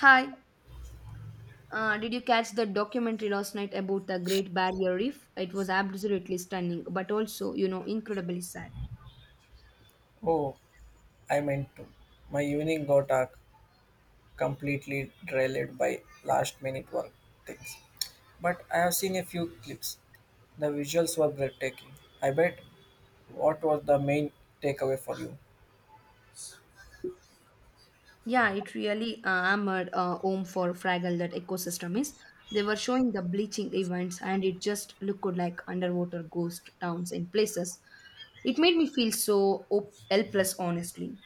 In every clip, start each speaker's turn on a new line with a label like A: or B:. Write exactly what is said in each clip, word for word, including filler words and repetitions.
A: Hi, uh, did you catch the documentary last night about the Great Barrier Reef? It was absolutely stunning, but also, you know, incredibly sad.
B: Oh, I meant to. My evening got uh, completely derailed by last minute work things. But I have seen a few clips. The visuals were breathtaking. I bet, what was the main takeaway for you?
A: Yeah, it really uh, hammered uh, home for fragile that ecosystem is. They were showing the bleaching events, and it just looked like underwater ghost towns in places. It made me feel so op- helpless, honestly.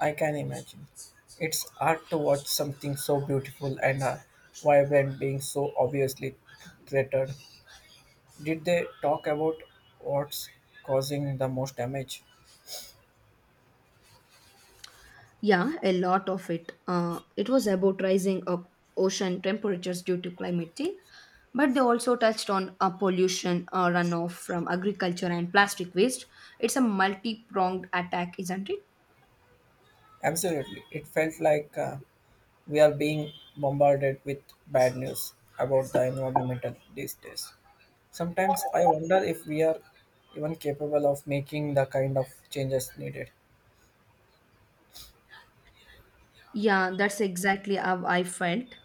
B: I can imagine. It's hard to watch something so beautiful and uh, vibrant being so obviously threatened. Did they talk about what's causing the most damage?
A: Yeah, a lot of it. Uh, it was about rising up ocean temperatures due to climate change, but they also touched on uh, pollution, uh, runoff from agriculture, and plastic waste. It's a multi pronged attack, isn't it?
B: Absolutely. It felt like uh, we are being bombarded with bad news about the environment these days. Sometimes I wonder if we are even capable of making the kind of changes needed.
A: Yeah, that's exactly how I felt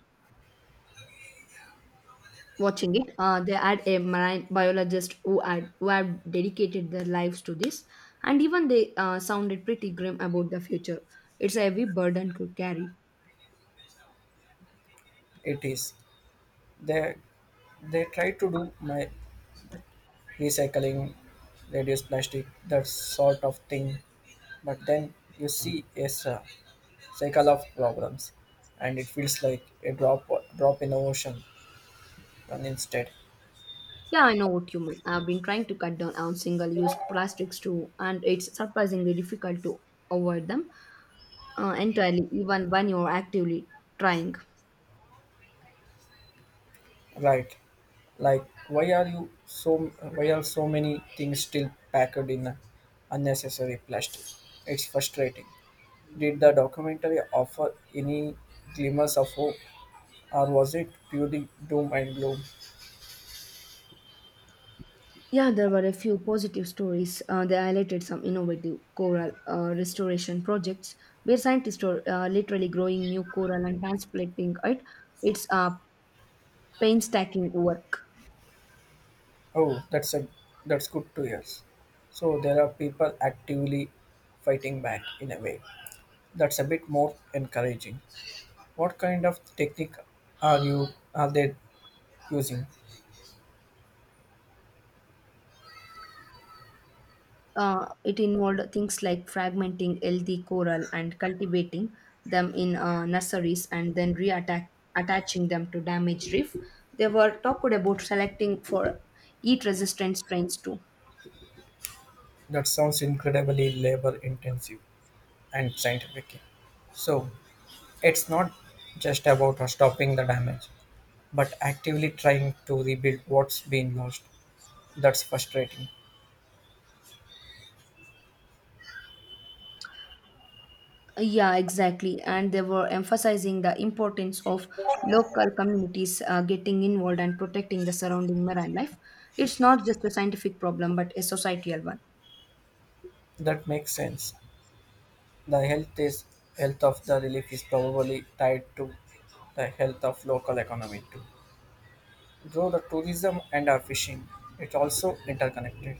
A: watching it. Uh, they had a marine biologist who had who had dedicated their lives to this, and even they uh, sounded pretty grim about the future. It's a heavy burden to carry.
B: It is. They they try to do my recycling, reduce plastic, that sort of thing. But then you see a s- uh, cycle of problems and it feels like a drop drop in the ocean run instead.
A: Yeah, I know what you mean. I've been trying to cut down on single use plastics too, and it's surprisingly difficult to avoid them uh, entirely, even when you're actively trying.
B: Right. Like, why are you so? Why are so many things still packed in unnecessary plastic? It's frustrating. Did the documentary offer any glimmers of hope, or was it purely doom and gloom?
A: Yeah, there were a few positive stories. Uh, they highlighted some innovative coral uh, restoration projects where scientists are uh, literally growing new coral and transplanting it. It's uh, painstaking work.
B: Oh, that's a that's good to hear. So there are people actively fighting back in a way. That's a bit more encouraging. What kind of technique are you are they using?
A: Uh, it involved things like fragmenting healthy coral and cultivating them in uh, nurseries and then reattack attaching them to damaged reef. They were talked about selecting for heat resistant strains too.
B: That sounds incredibly labor intensive and scientific. So it's not just about stopping the damage, but actively trying to rebuild what's been lost. That's frustrating.
A: Yeah, exactly. And they were emphasizing the importance of local communities uh, getting involved and protecting the surrounding marine life. It's not just a scientific problem, but a societal one.
B: That makes sense. The health is health of the relief is probably tied to the health of local economy too. Though the tourism and our fishing, it's also interconnected.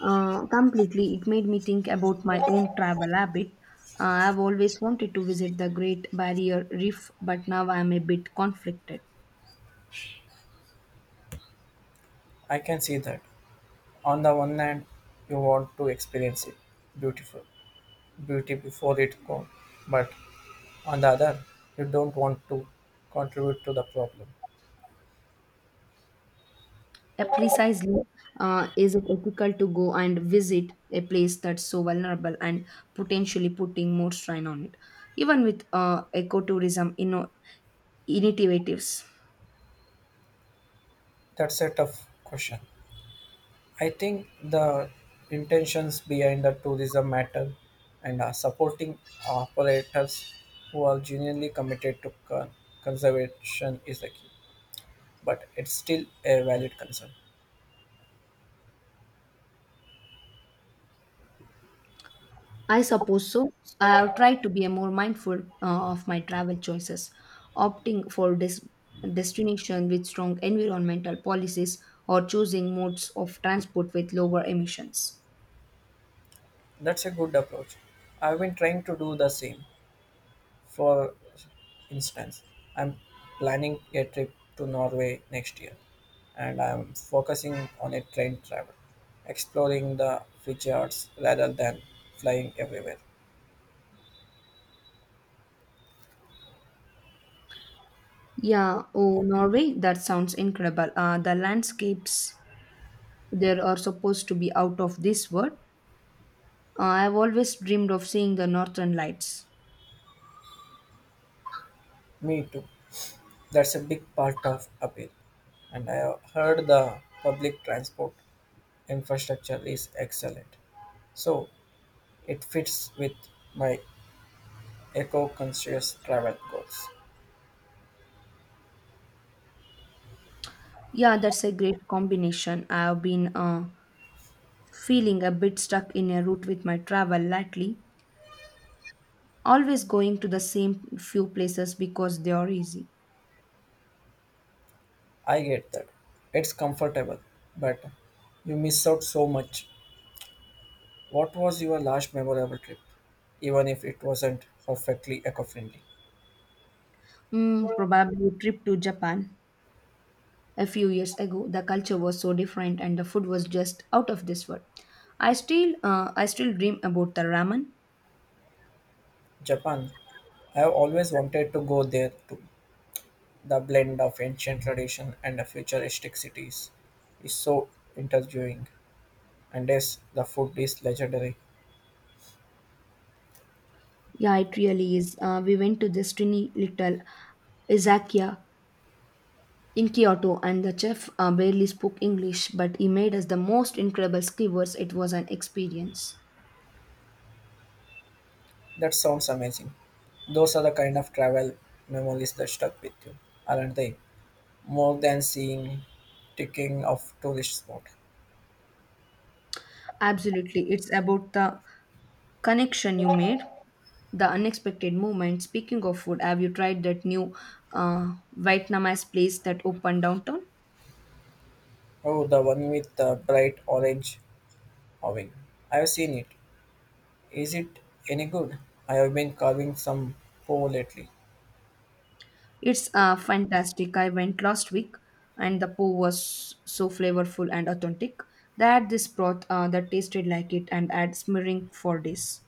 A: Uh, completely. It made me think about my own travel habit. Uh, I've always wanted to visit the Great Barrier Reef, but now I'm a bit conflicted.
B: I can see that. On the one hand, you want to experience it, beautiful, beauty before it gone, but on the other, you don't want to contribute to the problem.
A: Uh, precisely, uh, is it ethical to go and visit a place that's so vulnerable and potentially putting more strain on it, even with uh, ecotourism inno- initiatives?
B: That's a tough question. I think the intentions behind the tourism matter and uh, supporting operators who are genuinely committed to con- conservation is the key, but it's still a valid concern.
A: I suppose so. I have tried to be a more mindful uh, of my travel choices, opting for des- destination with strong environmental policies or choosing modes of transport with lower emissions.
B: That's a good approach. I've been trying to do the same. For instance, I'm planning a trip to Norway next year, and I'm focusing on a train travel, exploring the fjords rather than flying everywhere.
A: Yeah, oh Norway, that sounds incredible. Uh, the landscapes there are supposed to be out of this world. Uh, I've always dreamed of seeing the northern lights.
B: Me too. That's a big part of appeal. And I have heard the public transport infrastructure is excellent, so it fits with my eco-conscious travel goals.
A: Yeah, that's a great combination. I've been uh, feeling a bit stuck in a rut with my travel lately, always going to the same few places because they are easy.
B: I get that. It's comfortable, but you miss out so much. What was your last memorable trip, even if it wasn't perfectly eco friendly?
A: Mm, probably a trip to Japan a few years ago. The culture was so different and the food was just out of this world. I still, uh, I still dream about the ramen.
B: Japan. I have always wanted to go there too. The blend of ancient tradition and the futuristic cities is so intriguing. And yes, the food is legendary.
A: Yeah, it really is. Uh, we went to this tiny little Izakiya in Kyoto, and the chef uh, barely spoke English, but he made us the most incredible skewers. It was an experience.
B: That sounds amazing. Those are the kind of travel memories that stuck with you, aren't they? More than seeing ticking of tourist spot.
A: Absolutely, it's about the connection you made, the unexpected movement. Speaking of food, have you tried that new uh, Vietnamese place that opened downtown?
B: Oh, the one with the bright orange awning. I have seen it. Is it any good? I have been carving some pho lately.
A: It's uh, fantastic. I went last week, and the po was so flavorful and authentic. They had this broth uh, that tasted like it and had smearing for days.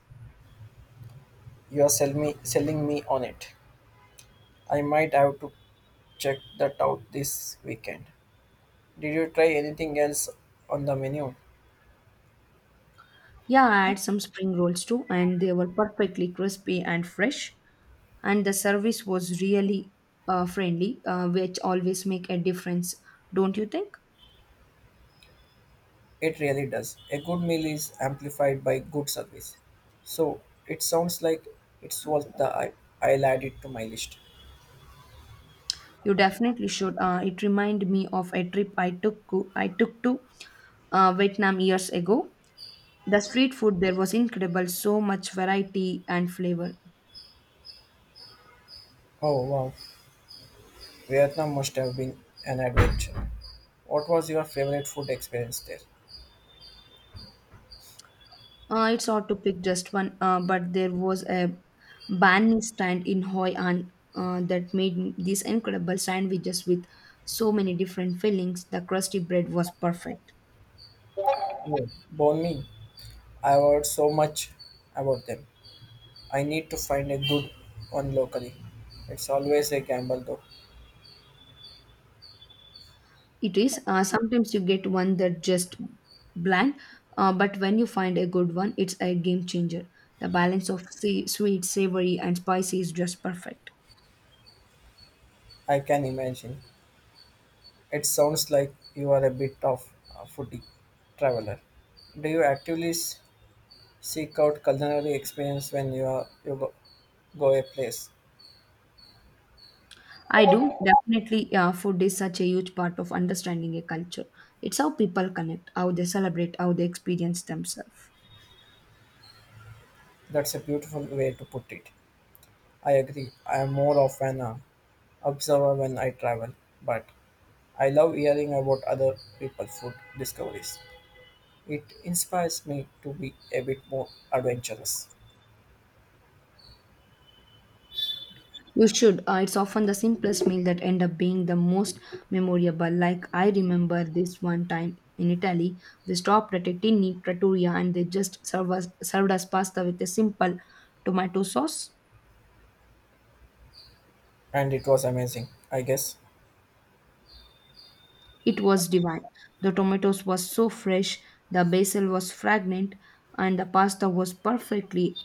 B: You are sell me, selling me on it. I might have to check that out this weekend. Did you try anything else on the menu?
A: Yeah, I had some spring rolls too, and they were perfectly crispy and fresh. And the service was really uh, friendly, uh, which always make a difference, don't you think?
B: It really does. A good meal is amplified by good service. So it sounds like it's worth the hype. I'll add it to my list.
A: You definitely should. Uh, it reminded me of a trip I took co- I took to uh, Vietnam years ago. The street food there was incredible, so much variety and flavor.
B: Oh wow, Vietnam must have been an adventure. What was your favorite food experience there?
A: Uh, it's hard to pick just one, uh, but there was a banh stand in Hoi An uh, that made these incredible sandwiches with so many different fillings. The crusty bread was perfect.
B: Oh, banh mi. I've heard so much about them. I need to find a good one locally. It's always a gamble though.
A: It is. Uh, sometimes you get one that just bland, uh, but when you find a good one, it's a game changer. The balance of sea, sweet, savory, and spicy is just perfect.
B: I can imagine. It sounds like you are a bit of a foodie traveler. Do you actively s- seek out culinary experience when you are you go, go a place?
A: I do definitely. Uh, food is such a huge part of understanding a culture. It's how people connect, how they celebrate, how they experience themselves.
B: That's a beautiful way to put it. I agree. I am more of an uh, observer when I travel, but I love hearing about other people's food discoveries. It inspires me to be a bit more adventurous.
A: You should. Uh, it's often the simplest meal that end up being the most memorable. Like I remember this one time in Italy, we stopped at a tiny trattoria and they just served us, served us pasta with a simple tomato sauce.
B: And it was amazing, I guess.
A: It was divine. The tomatoes were so fresh, the basil was fragrant, and the pasta was perfectly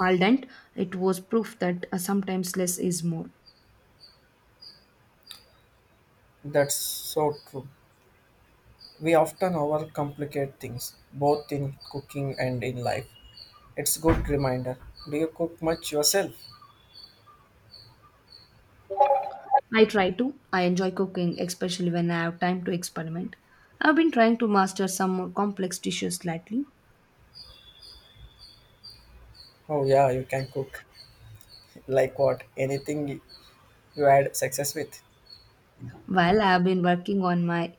A: al dente. It was proof that uh, sometimes less is more.
B: That's so true. We often overcomplicate things, both in cooking and in life. It's good reminder. Do you cook much yourself?
A: I try to. I enjoy cooking, especially when I have time to experiment. I've been trying to master some more complex dishes lately.
B: Oh yeah, you can cook. Like what? Anything you had success with?
A: While I've been working on my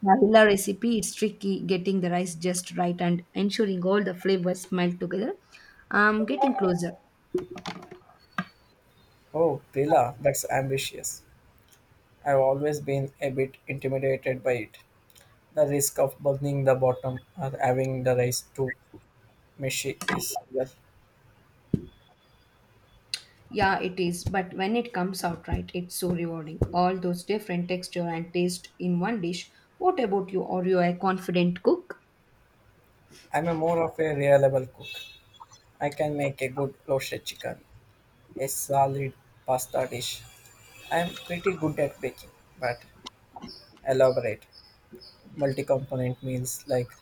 A: vanilla recipe, it's tricky getting the rice just right and ensuring all the flavors melt together. I'm getting closer.
B: Oh, Prila, that's ambitious. I've always been a bit intimidated by it. The risk of burning the bottom or having the rice too mushy is well,
A: Yeah, it is, but when it comes out right, it's so rewarding. All those different texture and taste in one dish. What about you? Are you a confident cook?
B: I'm a more of a reliable cook. I can make a good roasted chicken, a solid pasta dish. I'm pretty good at baking, but elaborate multi-component meals like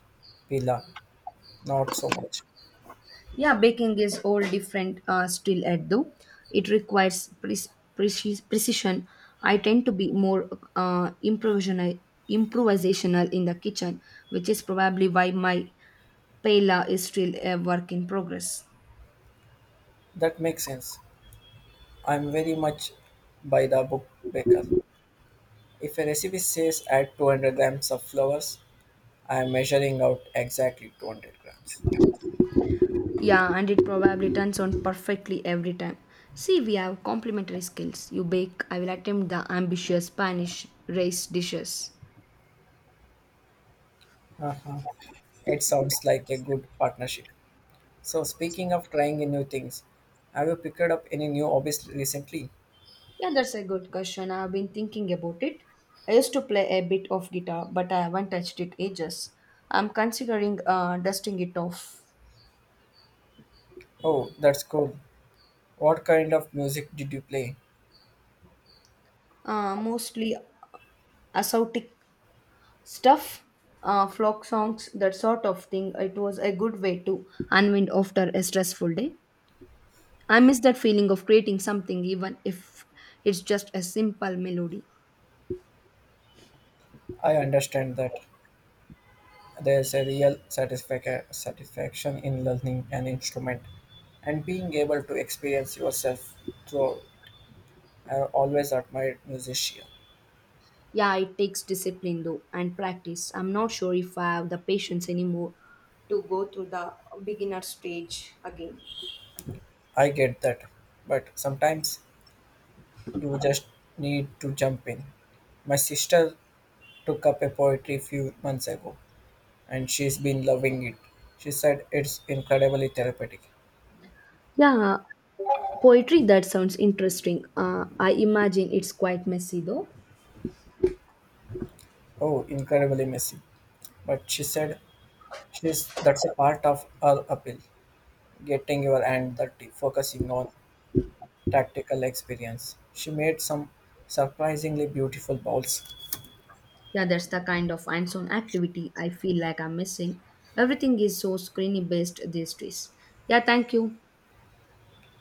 B: pila, not so much.
A: Yeah, baking is all different uh, still at though. It requires pre- preci- precision. I tend to be more uh, improvisational, improvisational in the kitchen, which is probably why my paella is still a work in progress.
B: That makes sense. I'm very much by the book baker. If a recipe says add two hundred grams of flowers, I am measuring out exactly two hundred grams.
A: Yeah, and it probably turns out perfectly every time. See, we have complementary skills. You bake, I will attempt the ambitious Spanish race dishes.
B: Uh-huh. It sounds like a good partnership. So, speaking of trying new things, have you picked up any new hobbies recently?
A: Yeah, that's a good question. I've been thinking about it. I used to play a bit of guitar, but I haven't touched it ages. I'm considering uh, dusting it off.
B: Oh, that's cool. What kind of music did you play?
A: Uh, mostly ascetic stuff, uh, flock songs, that sort of thing. It was a good way to unwind after a stressful day. I miss that feeling of creating something, even if it's just a simple melody.
B: I understand that there's a real satisfac- satisfaction in learning an instrument and being able to experience yourself through. I always admired musician.
A: Yeah, it takes discipline though and practice. I'm not sure if I have the patience anymore to go through the beginner stage again.
B: I get that, but sometimes you just need to jump in. My sister took up a poetry few months ago, and she's been loving it. She said it's incredibly therapeutic.
A: Yeah, poetry that sounds interesting. Uh, I imagine it's quite messy though.
B: Oh, incredibly messy. But she said she's that's a part of her appeal. Getting your hand dirty, focusing on tactical experience. She made some surprisingly beautiful bowls.
A: Yeah, that's the kind of hands-on activity I feel like I'm missing. Everything is so screeny based these days. Yeah, thank you.